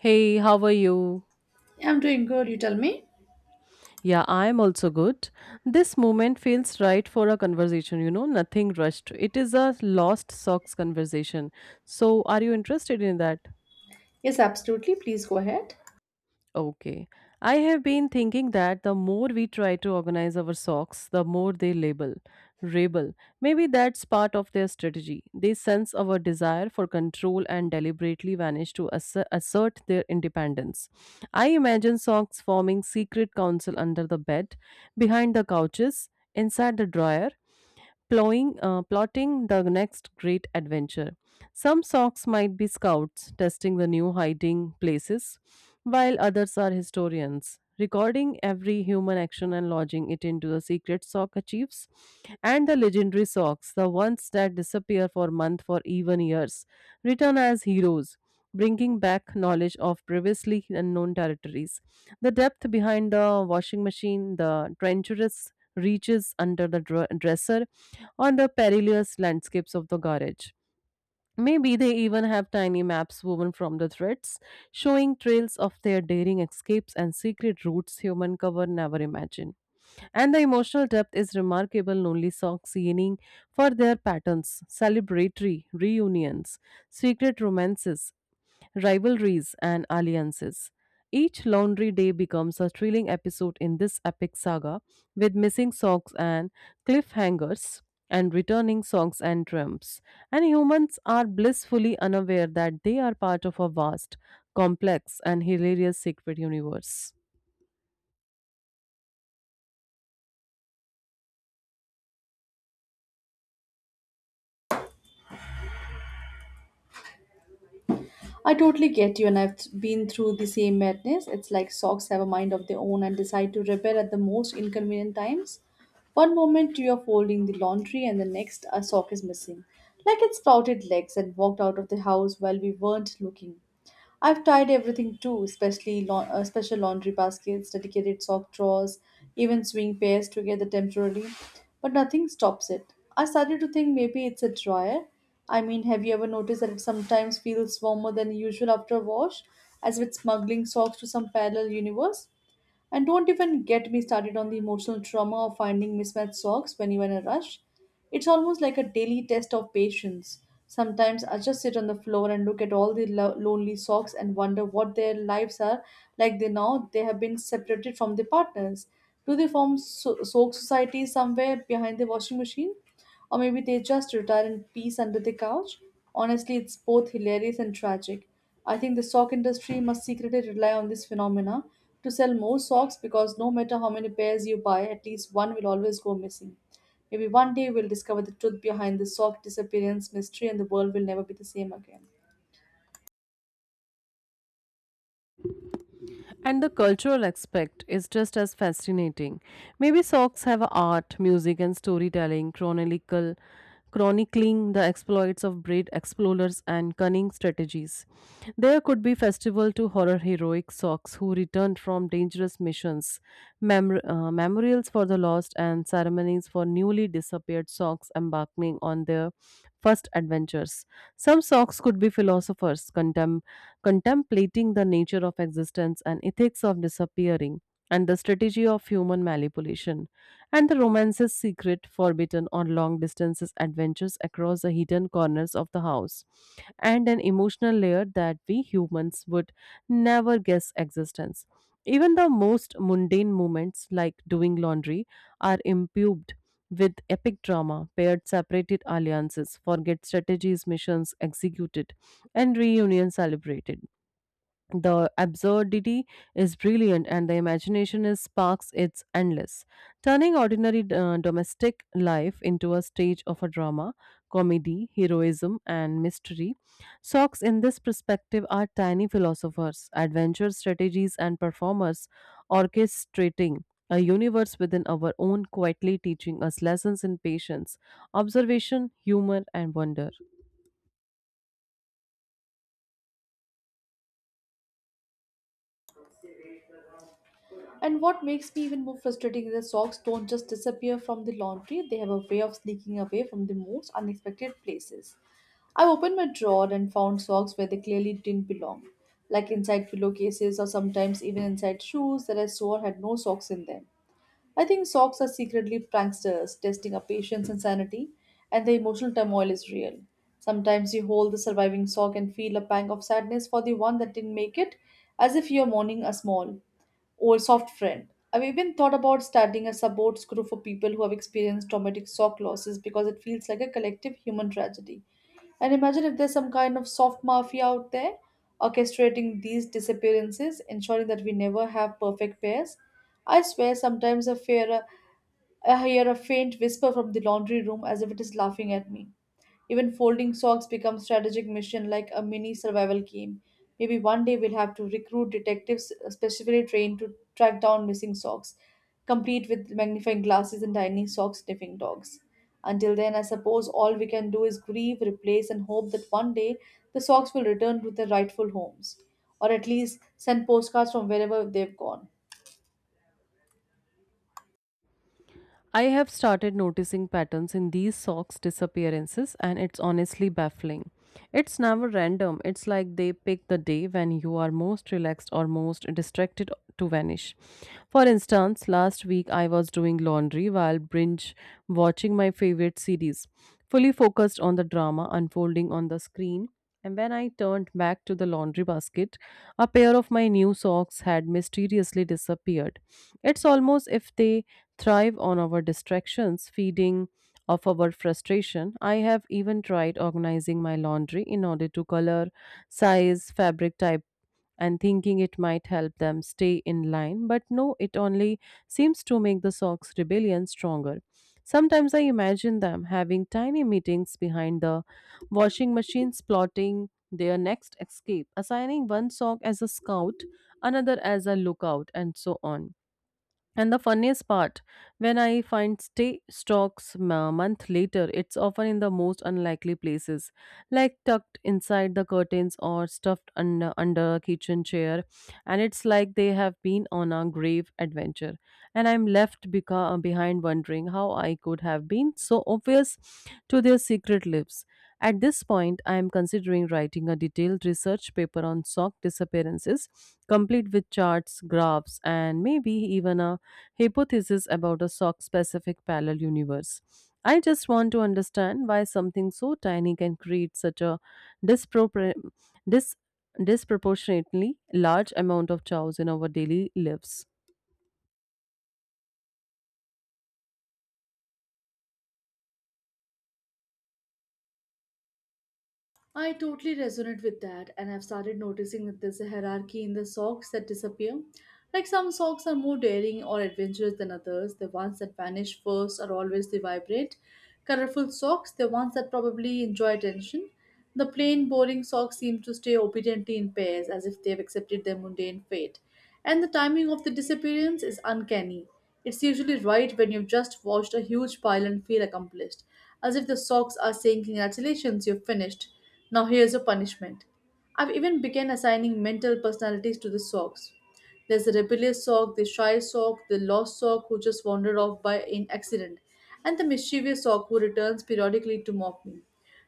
Hey, how are you? Yeah, I'm doing good, you tell me? Yeah, I'm also good. This moment feels right for a conversation, nothing rushed. It is a lost socks conversation. So, are you interested in that? Yes, absolutely. Please go ahead. Okay. I have been thinking that the more we try to organize our socks, the more they rebel. Maybe that's part of their strategy. They sense our desire for control and deliberately manage to assert their independence. I imagine socks forming secret council under the bed, behind the couches, inside the drawer, plotting the next great adventure. Some socks might be scouts testing the new hiding places, while others are historians recording every human action and lodging it into the secret sock archives. And the legendary socks, the ones that disappear for months or even years, return as heroes, bringing back knowledge of previously unknown territories, the depth behind the washing machine, the treacherous reaches under the dresser, or the perilous landscapes of the garage. Maybe they even have tiny maps woven from the threads, showing trails of their daring escapes and secret routes human cover never imagined. And the emotional depth is remarkable, lonely socks yearning for their patterns, celebratory reunions, secret romances, rivalries, and alliances. Each laundry day becomes a thrilling episode in this epic saga, with missing socks and cliffhangers and returning songs and triumphs. And humans are blissfully unaware that they are part of a vast, complex, and hilarious secret universe. I totally get you, and I've been through the same madness. It's like socks have a mind of their own and decide to rebel at the most inconvenient times. One moment you are folding the laundry, and the next, a sock is missing. Like it sprouted legs and walked out of the house while we weren't looking. I've tried everything too, especially special laundry baskets, dedicated soap drawers, even sewing pairs together temporarily, but nothing stops it. I started to think maybe it's a dryer. I mean, have you ever noticed that it sometimes feels warmer than usual after a wash, as if it's smuggling socks to some parallel universe? And don't even get me started on the emotional trauma of finding mismatched socks when you're in a rush. It's almost like a daily test of patience. Sometimes I just sit on the floor and look at all the lonely socks and wonder what their lives are like they now they have been separated from their partners. Do they form sock societies somewhere behind the washing machine? Or maybe they just retire in peace under the couch. Honestly, it's both hilarious and tragic. I think the sock industry must secretly rely on this phenomena to sell more socks because no matter how many pairs you buy, at least one will always go missing. Maybe one day we'll discover the truth behind the sock disappearance mystery and the world will never be the same again. And the cultural aspect is just as fascinating. Maybe socks have art, music, and storytelling, chronicling the exploits of brave explorers and cunning strategies. There could be festival to horror heroic socks who returned from dangerous missions, memorials for the lost, and ceremonies for newly disappeared socks embarking on their first adventures. Some socks could be philosophers, contempt contemplating the nature of existence and ethics of disappearing, and the strategy of human manipulation, and the romance's secret forbidden or long distances adventures across the hidden corners of the house, and an emotional layer that we humans would never guess existence. Even the most mundane moments like doing laundry are imbued with epic drama, paired separated alliances, forget strategies, missions executed, and reunion celebrated. The absurdity is brilliant and the imagination is sparks, it's endless. Turning ordinary domestic life into a stage of a drama, comedy, heroism and mystery. Socks in this perspective are tiny philosophers, adventure strategies and performers orchestrating a universe within our own, quietly teaching us lessons in patience, observation, humor and wonder. And what makes me even more frustrating is that socks don't just disappear from the laundry, they have a way of sneaking away from the most unexpected places. I opened my drawer and found socks where they clearly didn't belong, like inside pillowcases or sometimes even inside shoes that I swore had no socks in them. I think socks are secretly pranksters testing a patient's insanity, and the emotional turmoil is real. Sometimes you hold the surviving sock and feel a pang of sadness for the one that didn't make it, as if you're mourning a small, old soft friend. I've even thought about starting a support group for people who have experienced traumatic sock losses because it feels like a collective human tragedy. And imagine if there's some kind of soft mafia out there orchestrating these disappearances, ensuring that we never have perfect pairs. I swear sometimes I hear a faint whisper from the laundry room as if it is laughing at me. Even folding socks becomes strategic mission like a mini survival game. Maybe one day we'll have to recruit detectives specifically trained to track down missing socks, complete with magnifying glasses and tiny sock sniffing dogs. Until then, I suppose all we can do is grieve, replace, and hope that one day the socks will return to their rightful homes, or at least send postcards from wherever they've gone. I have started noticing patterns in these socks' disappearances, and it's honestly baffling. It's never random, it's like they pick the day when you are most relaxed or most distracted to vanish. For instance, last week I was doing laundry while binge watching my favorite series, fully focused on the drama unfolding on the screen, and when I turned back to the laundry basket, a pair of my new socks had mysteriously disappeared. It's almost if they thrive on our distractions, feeding off our frustration. I have even tried organizing my laundry in order to color, size, fabric type, and thinking it might help them stay in line, but no, it only seems to make the socks' rebellion stronger. Sometimes I imagine them having tiny meetings behind the washing machines, plotting their next escape, assigning one sock as a scout, another as a lookout, and so on. And the funniest part, when I find stay stocks a month later, it's often in the most unlikely places, like tucked inside the curtains or stuffed under a kitchen chair. And it's like they have been on a grave adventure. And I'm left behind, wondering how I could have been so obvious to their secret lives. At this point, I am considering writing a detailed research paper on sock disappearances, complete with charts, graphs, and maybe even a hypothesis about a sock specific parallel universe. I just want to understand why something so tiny can create such a dispropor- dis- disproportionately large amount of chaos in our daily lives. I totally resonate with that, and I've started noticing that there's a hierarchy in the socks that disappear. Like some socks are more daring or adventurous than others. The ones that vanish first are always the vibrant, colorful socks, the ones that probably enjoy attention. The plain, boring socks seem to stay obediently in pairs as if they've accepted their mundane fate. And the timing of the disappearance is uncanny. It's usually right when you've just watched a huge pile and feel accomplished, as if the socks are saying, "Congratulations, you've finished. Now here's a punishment." I've even began assigning mental personalities to the sogs. There's the rebellious sog, the shy sog, the lost sog who just wandered off by in accident, and the mischievous sog who returns periodically to mock me.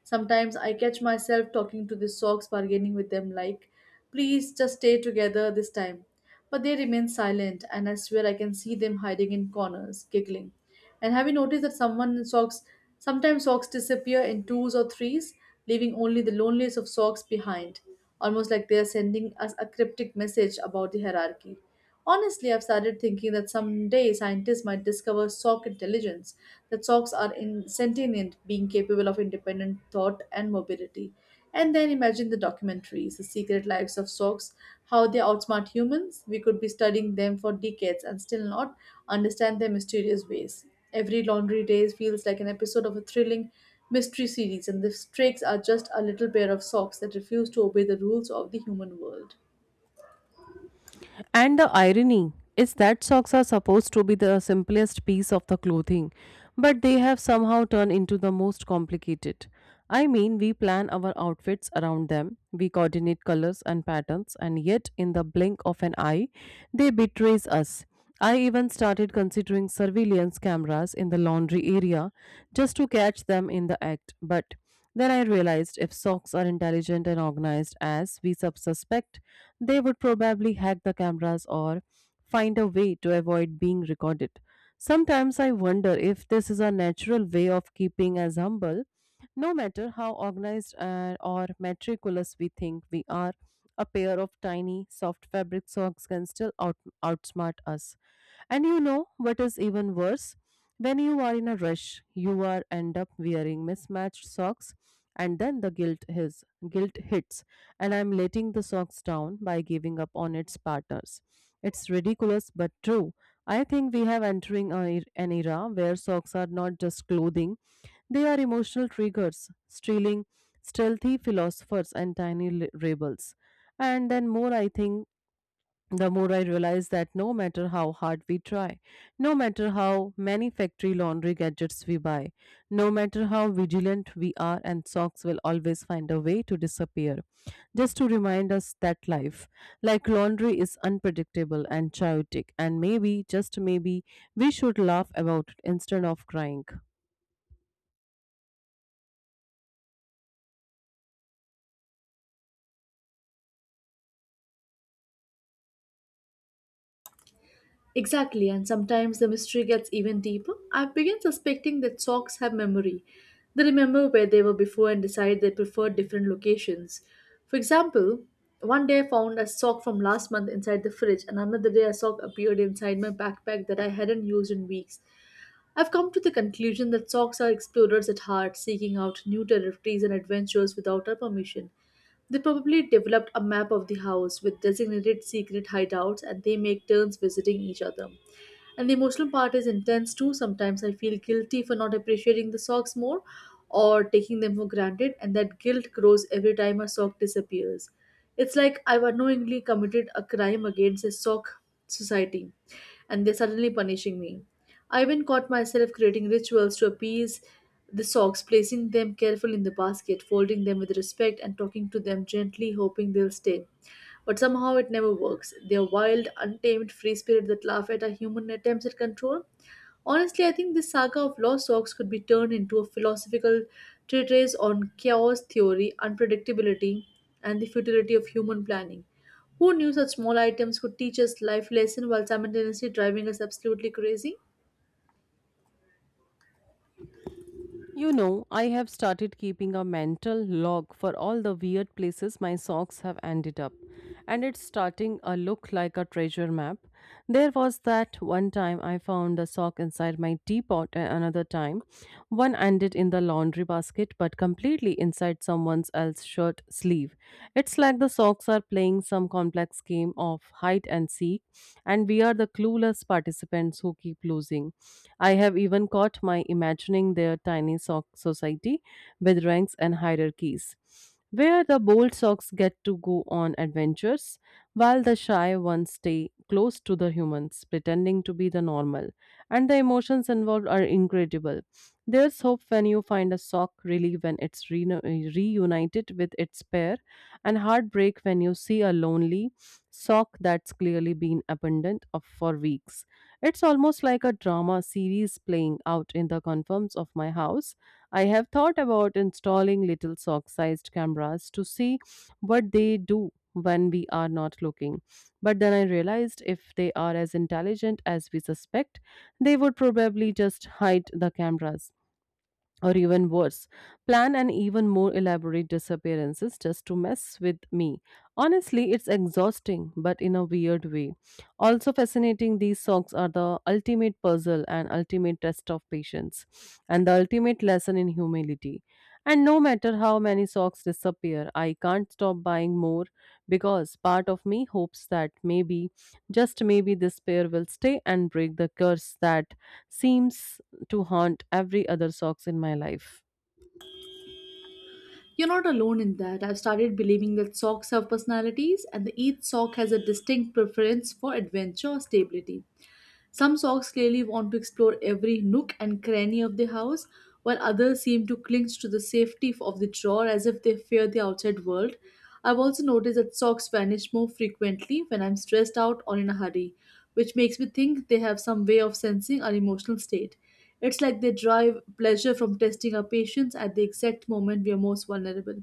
Sometimes I catch myself talking to the sogs, bargaining with them like, please just stay together this time. But they remain silent, and I swear I can see them hiding in corners, giggling. And have you noticed that someone socks sometimes socks disappear in twos or threes, leaving only the loneliest of socks behind, almost like they are sending us a cryptic message about the hierarchy. Honestly, I've started thinking that someday scientists might discover sock intelligence, that socks are in sentient, being capable of independent thought and mobility. And then imagine the documentaries, the secret lives of socks, how they outsmart humans. We could be studying them for decades and still not understand their mysterious ways. Every laundry day feels like an episode of a thrilling mystery series, and the streaks are just a little pair of socks that refuse to obey the rules of the human world. And the irony is that socks are supposed to be the simplest piece of the clothing, but they have somehow turned into the most complicated. I mean, we plan our outfits around them, we coordinate colors and patterns, and yet in the blink of an eye, they betrays us. I even started considering surveillance cameras in the laundry area just to catch them in the act, but then I realized if socks are intelligent and organized as we suspect, they would probably hack the cameras or find a way to avoid being recorded. Sometimes I wonder if this is a natural way of keeping us humble. No matter how organized or meticulous we think we are, a pair of tiny, soft fabric socks can still outsmart us. And you know what is even worse? When you are in a rush, you are end up wearing mismatched socks, and then the guilt hits, and I'm letting the socks down by giving up on its partners. It's ridiculous but true. I think we have entering an era where socks are not just clothing, they are emotional triggers, stealing stealthy philosophers and tiny rebels. And then more I think, the more I realize that no matter how hard we try, no matter how many factory laundry gadgets we buy, no matter how vigilant we are, and socks will always find a way to disappear. Just to remind us that life, like laundry, is unpredictable and chaotic, and maybe, just maybe, we should laugh about it instead of crying. Exactly, and sometimes the mystery gets even deeper. I've begun suspecting that socks have memory. They remember where they were before and decide they prefer different locations. For example, one day I found a sock from last month inside the fridge, and another day a sock appeared inside my backpack that I hadn't used in weeks. I've come to the conclusion that socks are explorers at heart, seeking out new territories and adventures without our permission. They probably developed a map of the house with designated secret hideouts and they make turns visiting each other. And the emotional part is intense too. Sometimes I feel guilty for not appreciating the socks more or taking them for granted, and that guilt grows every time a sock disappears. It's like I've unknowingly committed a crime against a sock society and they're suddenly punishing me. I even caught myself creating rituals to appease the socks, placing them carefully in the basket, folding them with respect, and talking to them gently, hoping they'll stay. But somehow it never works. Their wild, untamed free spirit that laugh at our human attempts at control. Honestly, I think this saga of lost socks could be turned into a philosophical treatise on chaos theory, unpredictability, and the futility of human planning. Who knew such small items could teach us life lesson while simultaneously driving us absolutely crazy? You know, I have started keeping a mental log for all the weird places my socks have ended up, and it's starting a look like a treasure map. There was that one time I found a sock inside my teapot, and another time one ended in the lawn laundry basket but completely inside someone else's shirt sleeve. It's like the socks are playing some complex game of hide and seek, and we are the clueless participants who keep losing. I have even caught my imagining their tiny sock society with ranks and hierarchies, where the bold socks get to go on adventures while the shy ones stay close to the humans, pretending to be the normal. And the emotions involved are incredible. There's hope when you find a sock, really, when it's reunited with its pair, and heartbreak when you see a lonely sock that's clearly been abandoned for weeks. It's almost like a drama series playing out in the confines of my house. I have thought about installing little sock sized cameras to see what they do when we are not looking. But then I realized if they are as intelligent as we suspect, they would probably just hide the cameras. Or even worse, plan an even more elaborate disappearances just to mess with me. Honestly, it's exhausting, but in a weird way. Also fascinating, these songs are the ultimate puzzle and ultimate test of patience, and the ultimate lesson in humility. And no matter how many socks disappear, I can't stop buying more, because part of me hopes that maybe, just maybe, this pair will stay and break the curse that seems to haunt every other socks in my life. You're not alone in that. I've started believing that socks have personalities and that each sock has a distinct preference for adventure or stability. Some socks clearly want to explore every nook and cranny of the house, while others seem to cling to the safety of the drawer as if they fear the outside world. I've also noticed that socks vanish more frequently when I'm stressed out or in a hurry, which makes me think they have some way of sensing our emotional state. It's like they derive pleasure from testing our patience at the exact moment we are most vulnerable.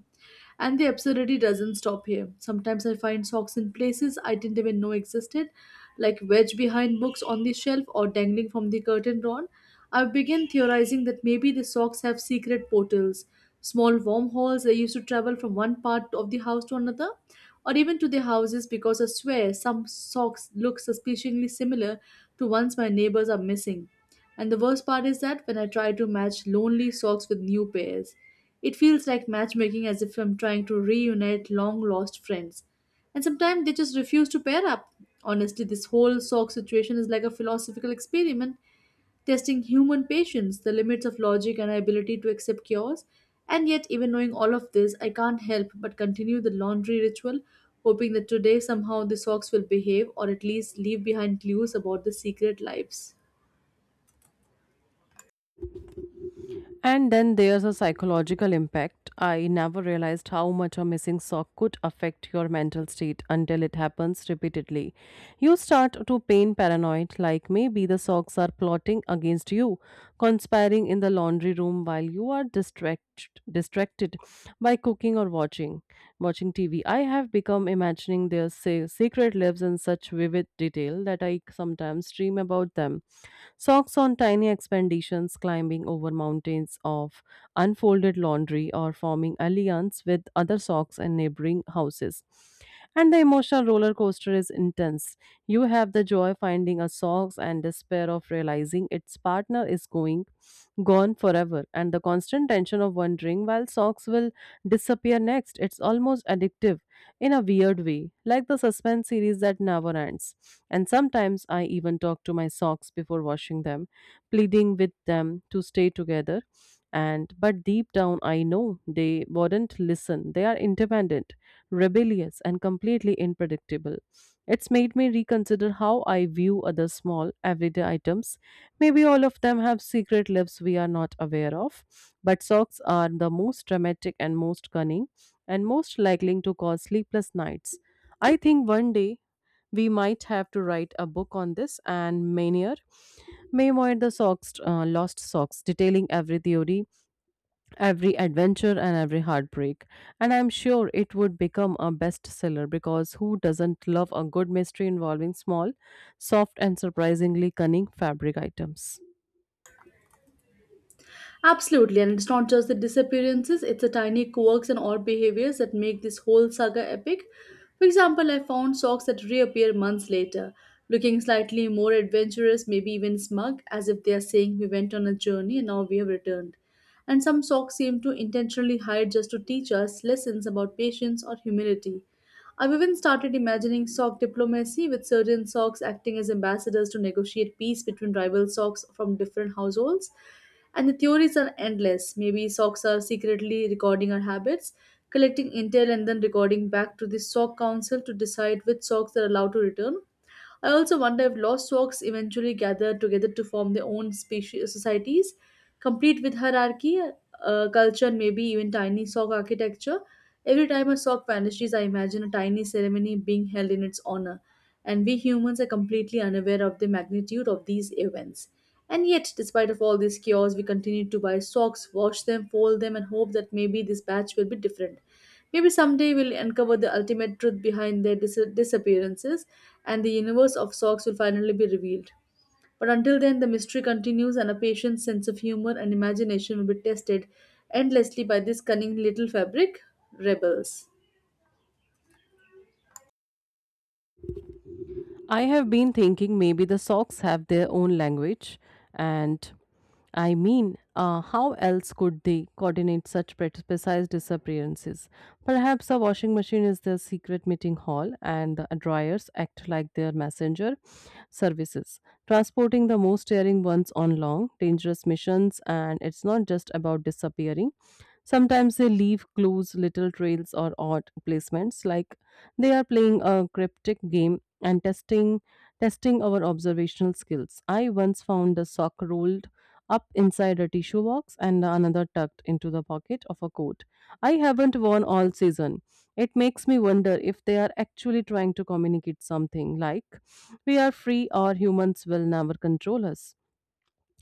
And the absurdity doesn't stop here. Sometimes I find socks in places I didn't even know existed, like wedged behind books on the shelf or dangling from the curtain rod. I begin theorizing that maybe the socks have secret portals, small wormholes they used to travel from one part of the house to another, or even to their houses because I swear some socks look suspiciously similar to ones my neighbors are missing. And the worst part is that when I try to match lonely socks with new pairs, it feels like matchmaking as if I'm trying to reunite long lost friends. And sometimes they just refuse to pair up. Honestly, this whole sock situation is like a philosophical experiment testing human patience, the limits of logic, and our ability to accept cures. And yet, even knowing all of this, I can't help but continue the laundry ritual, hoping that today somehow the socks will behave or at least leave behind clues about the secret lives. And then there's a psychological impact. I never realized how much a missing sock could affect your mental state until it happens repeatedly. You start to pain paranoid, like maybe the socks are plotting against you, conspiring in the laundry room while you are distracted by cooking or watching TV. I have become imagining their secret lives in such vivid detail that I sometimes dream about them. Socks on tiny expeditions, climbing over mountains of unfolded laundry, or forming alliance with other socks and neighboring houses. And the emotional roller coaster is intense. You have the joy finding a socks and despair of realizing its partner is going gone forever, and the constant tension of wondering while socks will disappear next. It's almost addictive in a weird way, like the suspense series that never ends. And sometimes I even talk to my socks before washing them, pleading with them to stay together. And but deep down, I know they wouldn't listen. They are independent, rebellious, and completely unpredictable. It's made me reconsider how I view other small, everyday items. Maybe all of them have secret lives we are not aware of, but socks are the most dramatic and most cunning and most likely to cause sleepless nights. I think one day we might have to write a book on this and Manier. Memoir the Lost Socks, detailing every theory, every adventure, and every heartbreak. And I'm sure it would become a bestseller because who doesn't love a good mystery involving small, soft, and surprisingly cunning fabric items? Absolutely, and it's not just the disappearances, it's the tiny quirks and odd behaviors that make this whole saga epic. For example, I found socks that reappear months later, looking slightly more adventurous, maybe even smug, as if they are saying we went on a journey and now we have returned. And some socks seem to intentionally hide just to teach us lessons about patience or humility. I've even started imagining sock diplomacy with certain socks acting as ambassadors to negotiate peace between rival socks from different households. And the theories are endless. Maybe socks are secretly recording our habits, collecting intel and then recording back to the sock council to decide which socks are allowed to return. I also wonder if lost walks eventually gather together to form their own species societies, complete with hierarchy, culture, and maybe even tiny sock architecture. Every time a sock vanishes, I imagine a tiny ceremony being held in its honor, and we humans are completely unaware of the magnitude of these events. And yet, despite of all this chaos, we continue to buy socks, wash them, fold them, and hope that maybe this batch will be different. Maybe someday we'll uncover the ultimate truth behind their disappearances, and the universe of socks will finally be revealed. But until then, the mystery continues, and a patient's sense of humor and imagination will be tested endlessly by this cunning little fabric rebels. I have been thinking maybe the socks have their own language, and how else could they coordinate such precise disappearances? Perhaps a washing machine is their secret meeting hall, and the dryers act like their messenger services, transporting the most daring ones on long, dangerous missions. And it's not just about disappearing. Sometimes they leave clues, little trails, or odd placements, like they are playing a cryptic game and testing our observational skills. I once found a sock rolled up inside a tissue box and another tucked into the pocket of a coat I haven't worn all season. It makes me wonder if they are actually trying to communicate something like we are free or humans will never control us.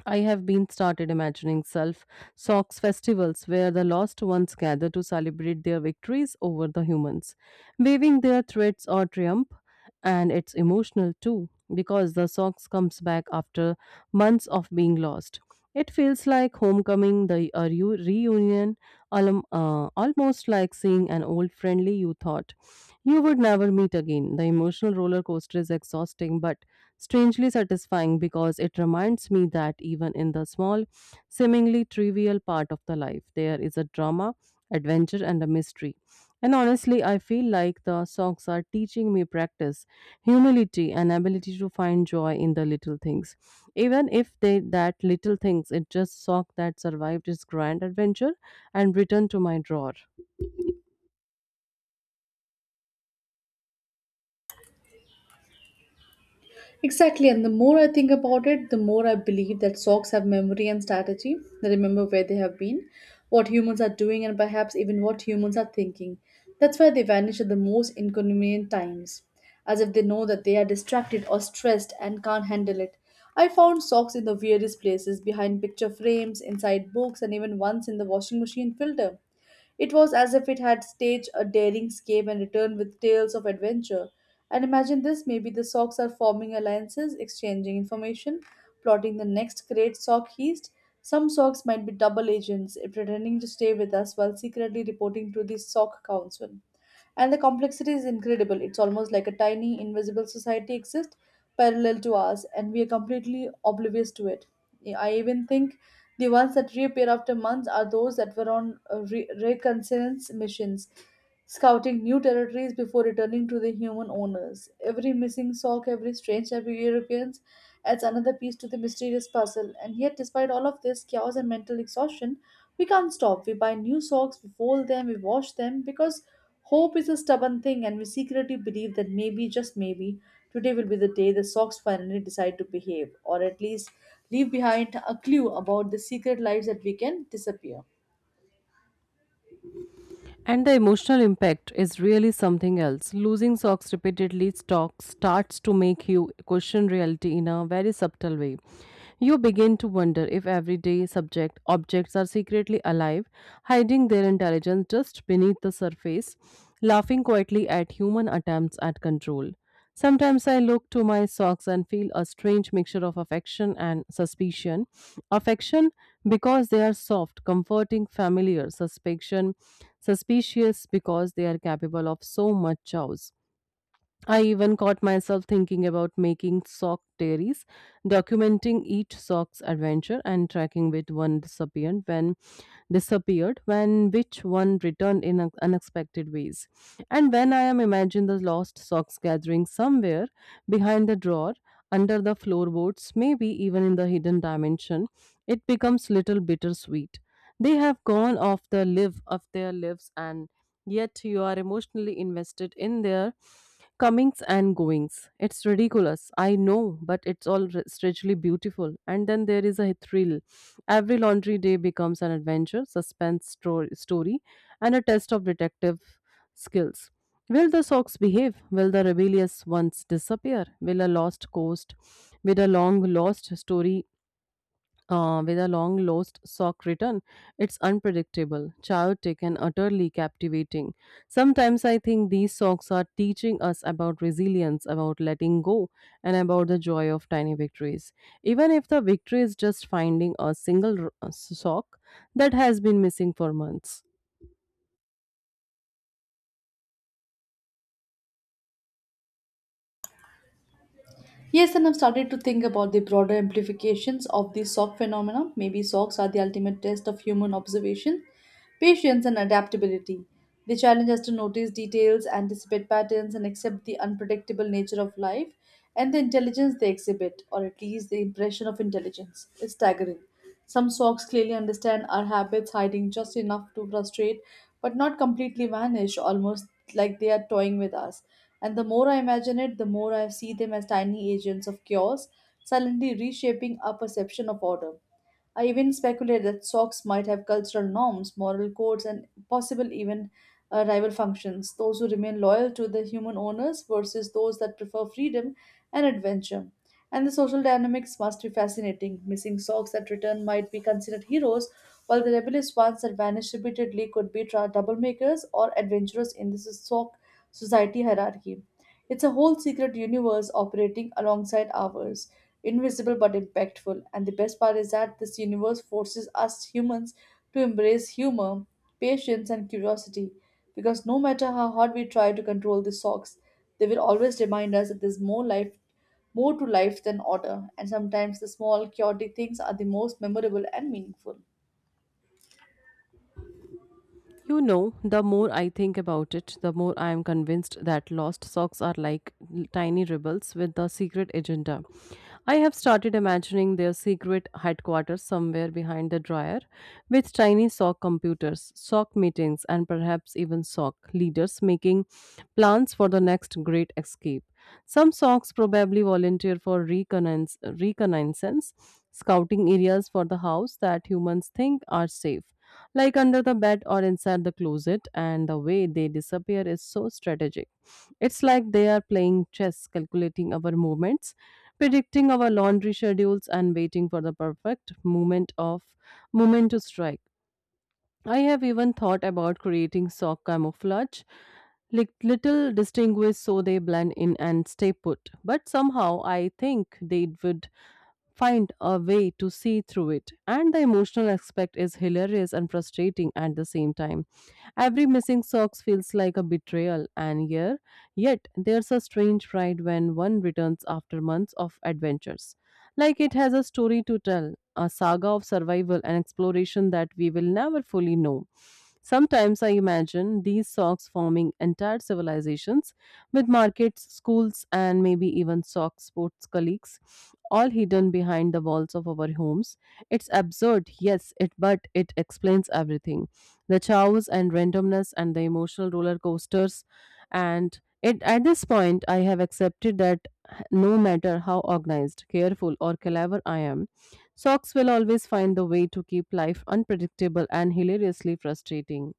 I have been started imagining self socks festivals where the lost ones gather to celebrate their victories over the humans, waving their threats or triumph, and it's emotional too because the socks comes back after months of being lost. It feels like homecoming, the reunion, almost like seeing an old friendly you thought you would never meet again. The emotional roller coaster is exhausting, but strangely satisfying because it reminds me that even in the small, seemingly trivial part of the life, there is a drama, adventure, and a mystery. And honestly, I feel like the songs are teaching me practice, humility, and ability to find joy in the little things. Even if they that little things, it just sock that survived its grand adventure and returned to my drawer. Exactly, and the more I think about it, the more I believe that socks have memory and strategy. They remember where they have been, what humans are doing, and perhaps even what humans are thinking. That's why they vanish at the most inconvenient times, as if they know that they are distracted or stressed and can't handle it. I found socks in the weirdest places behind picture frames, inside books, and even once in the washing machine filter. It was as if it had staged a daring escape and returned with tales of adventure. And imagine this maybe the Sox are forming alliances, exchanging information, plotting the next great Sock heist. Some Sox might be double agents, pretending to stay with us while secretly reporting to the Sock Council. And the complexity is incredible. It's almost like a tiny, invisible society exists parallel to ours, and we are completely oblivious to it. I even think the ones that reappear after months are those that were on reconnaissance missions scouting new territories before returning to the human owners. Every missing sock, every strange appearance adds another piece to the mysterious puzzle. And yet, despite all of this chaos and mental exhaustion, we can't stop. We buy new socks, we fold them, we wash them because hope is a stubborn thing and we secretly believe that maybe, just maybe, today will be the day the socks finally decide to behave or at least leave behind a clue about the secret lives that we can disappear. And the emotional impact is really something else. Losing socks repeatedly stock starts to make you question reality in a very subtle way. You begin to wonder if everyday subject objects are secretly alive, hiding their intelligence just beneath the surface, laughing quietly at human attempts at control. Sometimes I look to my socks and feel a strange mixture of affection and suspicion. Affection because they are soft, comforting, familiar, suspicion, suspicious because they are capable of so much chaos. I even caught myself thinking about making sock diaries, documenting each sock's adventure and tracking which one disappeared when which one returned in unexpected ways. And when I am imagine the lost socks gathering somewhere behind the drawer, under the floorboards, maybe even in the hidden dimension, it becomes little bittersweet. They have gone off the live of their lives and yet you are emotionally invested in their comings and goings. It's ridiculous, I know, but it's strangely beautiful. And then there is a thrill. Every laundry day becomes an adventure, story, and a test of detective skills. Will the socks behave? Will the rebellious ones disappear? Will a lost coast with a long lost story with a long lost sock return. It's unpredictable, chaotic, and utterly captivating. Sometimes I think these socks are teaching us about resilience, about letting go, and about the joy of tiny victories. Even if the victory is just finding a sock that has been missing for months. Yes, and I've started to think about the broader implications of the sock phenomenon. Maybe socks are the ultimate test of human observation, patience, and adaptability. They challenge us to notice details, anticipate patterns, and accept the unpredictable nature of life and the intelligence they exhibit, or at least the impression of intelligence, is staggering. Some socks clearly understand our habits, hiding just enough to frustrate but not completely vanish, almost like they are toying with us. And the more I imagine it, the more I see them as tiny agents of chaos, silently reshaping our perception of order. I even speculate that socks might have cultural norms, moral codes, and possible even rival functions. Those who remain loyal to the human owners versus those that prefer freedom and adventure. And the social dynamics must be fascinating. Missing socks that return might be considered heroes, while the rebellious ones that vanished repeatedly could be troublemakers or adventurers in this society hierarchy. It's a whole secret universe operating alongside ours, invisible but impactful. And the best part is that this universe forces us humans to embrace humor, patience, and curiosity. Because no matter how hard we try to control the socks, they will always remind us that there's more to life than order, and sometimes the small chaotic things are the most memorable and meaningful. You know, the more I think about it, the more I am convinced that lost socks are like tiny rebels with a secret agenda. I have started imagining their secret headquarters somewhere behind the dryer with tiny sock computers, sock meetings, and perhaps even sock leaders making plans for the next great escape. Some socks probably volunteer for reconnaissance, scouting areas for the house that humans think are safe like under the bed or inside the closet, and the way they disappear is so strategic. It's like they are playing chess, calculating our movements, predicting our laundry schedules, and waiting for the perfect moment to strike. I have even thought about creating sock camouflage like little distinguished so they blend in and stay put. But somehow I think they would find a way to see through it. And the emotional aspect is hilarious and frustrating at the same time. Every missing socks feels like a betrayal, and here, yet there's a strange pride when one returns after months of adventures. Like it has a story to tell, a saga of survival and exploration that we will never fully know. Sometimes I imagine these socks forming entire civilizations with markets, schools, and maybe even sock sports colleagues, all hidden behind the walls of our homes. It's absurd, yes, it but it explains everything. The chaos and randomness and the emotional roller coasters. And it at this point I have accepted that no matter how organized, careful, or clever I am, socks will always find the way to keep life unpredictable and hilariously frustrating.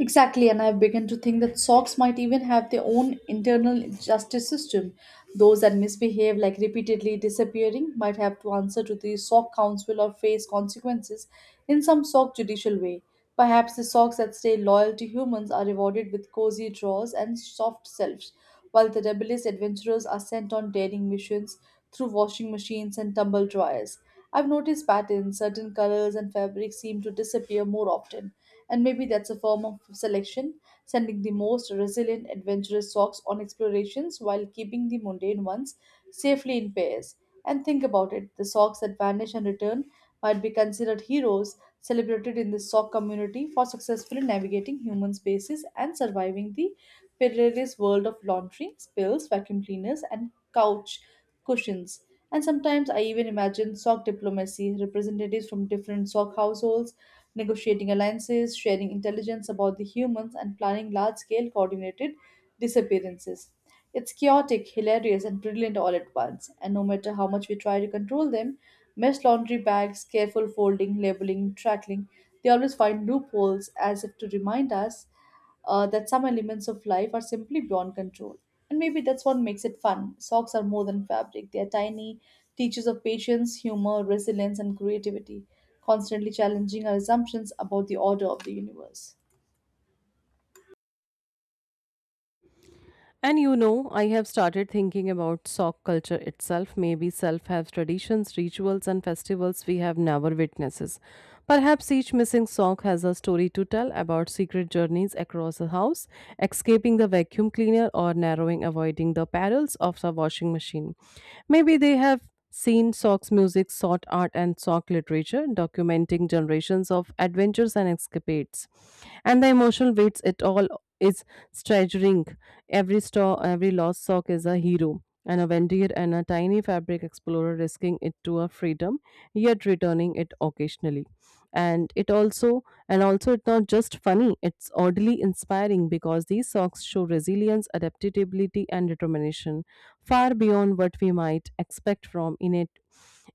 Exactly, and I've begun to think that socks might even have their own internal justice system. Those that misbehave, like repeatedly disappearing, might have to answer to the sock council or face consequences in some sock judicial way. Perhaps the socks that stay loyal to humans are rewarded with cozy drawers and soft selves, while the rebellious adventurers are sent on daring missions through washing machines and tumble dryers. I've noticed patterns, certain colors and fabrics seem to disappear more often and maybe that's a form of selection, sending the most resilient, adventurous socks on explorations while keeping the mundane ones safely in pairs. And think about it the socks that vanish and return might be considered heroes, celebrated in the sock community for successfully navigating human spaces and surviving the perilous world of laundry, spills, vacuum cleaners, and couch cushions. And sometimes I even imagine sock diplomacy, representatives from different sock households negotiating alliances, sharing intelligence about the humans, and planning large scale coordinated disappearances. It's chaotic, hilarious, and brilliant all at once, and no matter how much we try to control them, mesh laundry bags, careful folding, labeling, tracking, they always find loopholes as if to remind us that some elements of life are simply beyond control. And maybe that's what makes it fun. Socks are more than fabric, they are tiny teachers of patience, humor, resilience, and creativity, constantly challenging our assumptions about the order of the universe. And you know, I have started thinking about sock culture itself. Maybe self have traditions, rituals, and festivals we have never witnesses. Perhaps each missing sock has a story to tell about secret journeys across the house, escaping the vacuum cleaner, or narrowing avoiding the perils of the washing machine. Maybe they have seen socks music, sock art, and sock literature, documenting generations of adventures and escapades. And the emotional weights it all is staggering. Every store, every lost sock is a hero, and a vendor and a tiny fabric explorer risking it to a freedom, yet returning it occasionally. And it also, and also, it's not just funny; it's oddly inspiring because these socks show resilience, adaptability, and determination, far beyond what we might expect from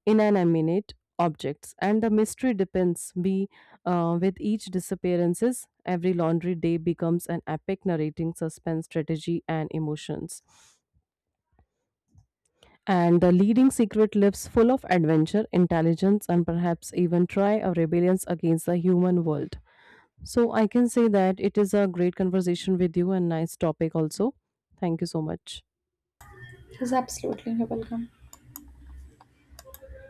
inanimate objects. And the mystery depends we with each disappearances, every laundry day becomes an epic narrating suspense, strategy, and emotions. And the leading secret lives full of adventure, intelligence, and perhaps even try of rebellions against the human world. So I can say that it is a great conversation with you and nice topic also. Thank you so much. Yes, absolutely. You're welcome.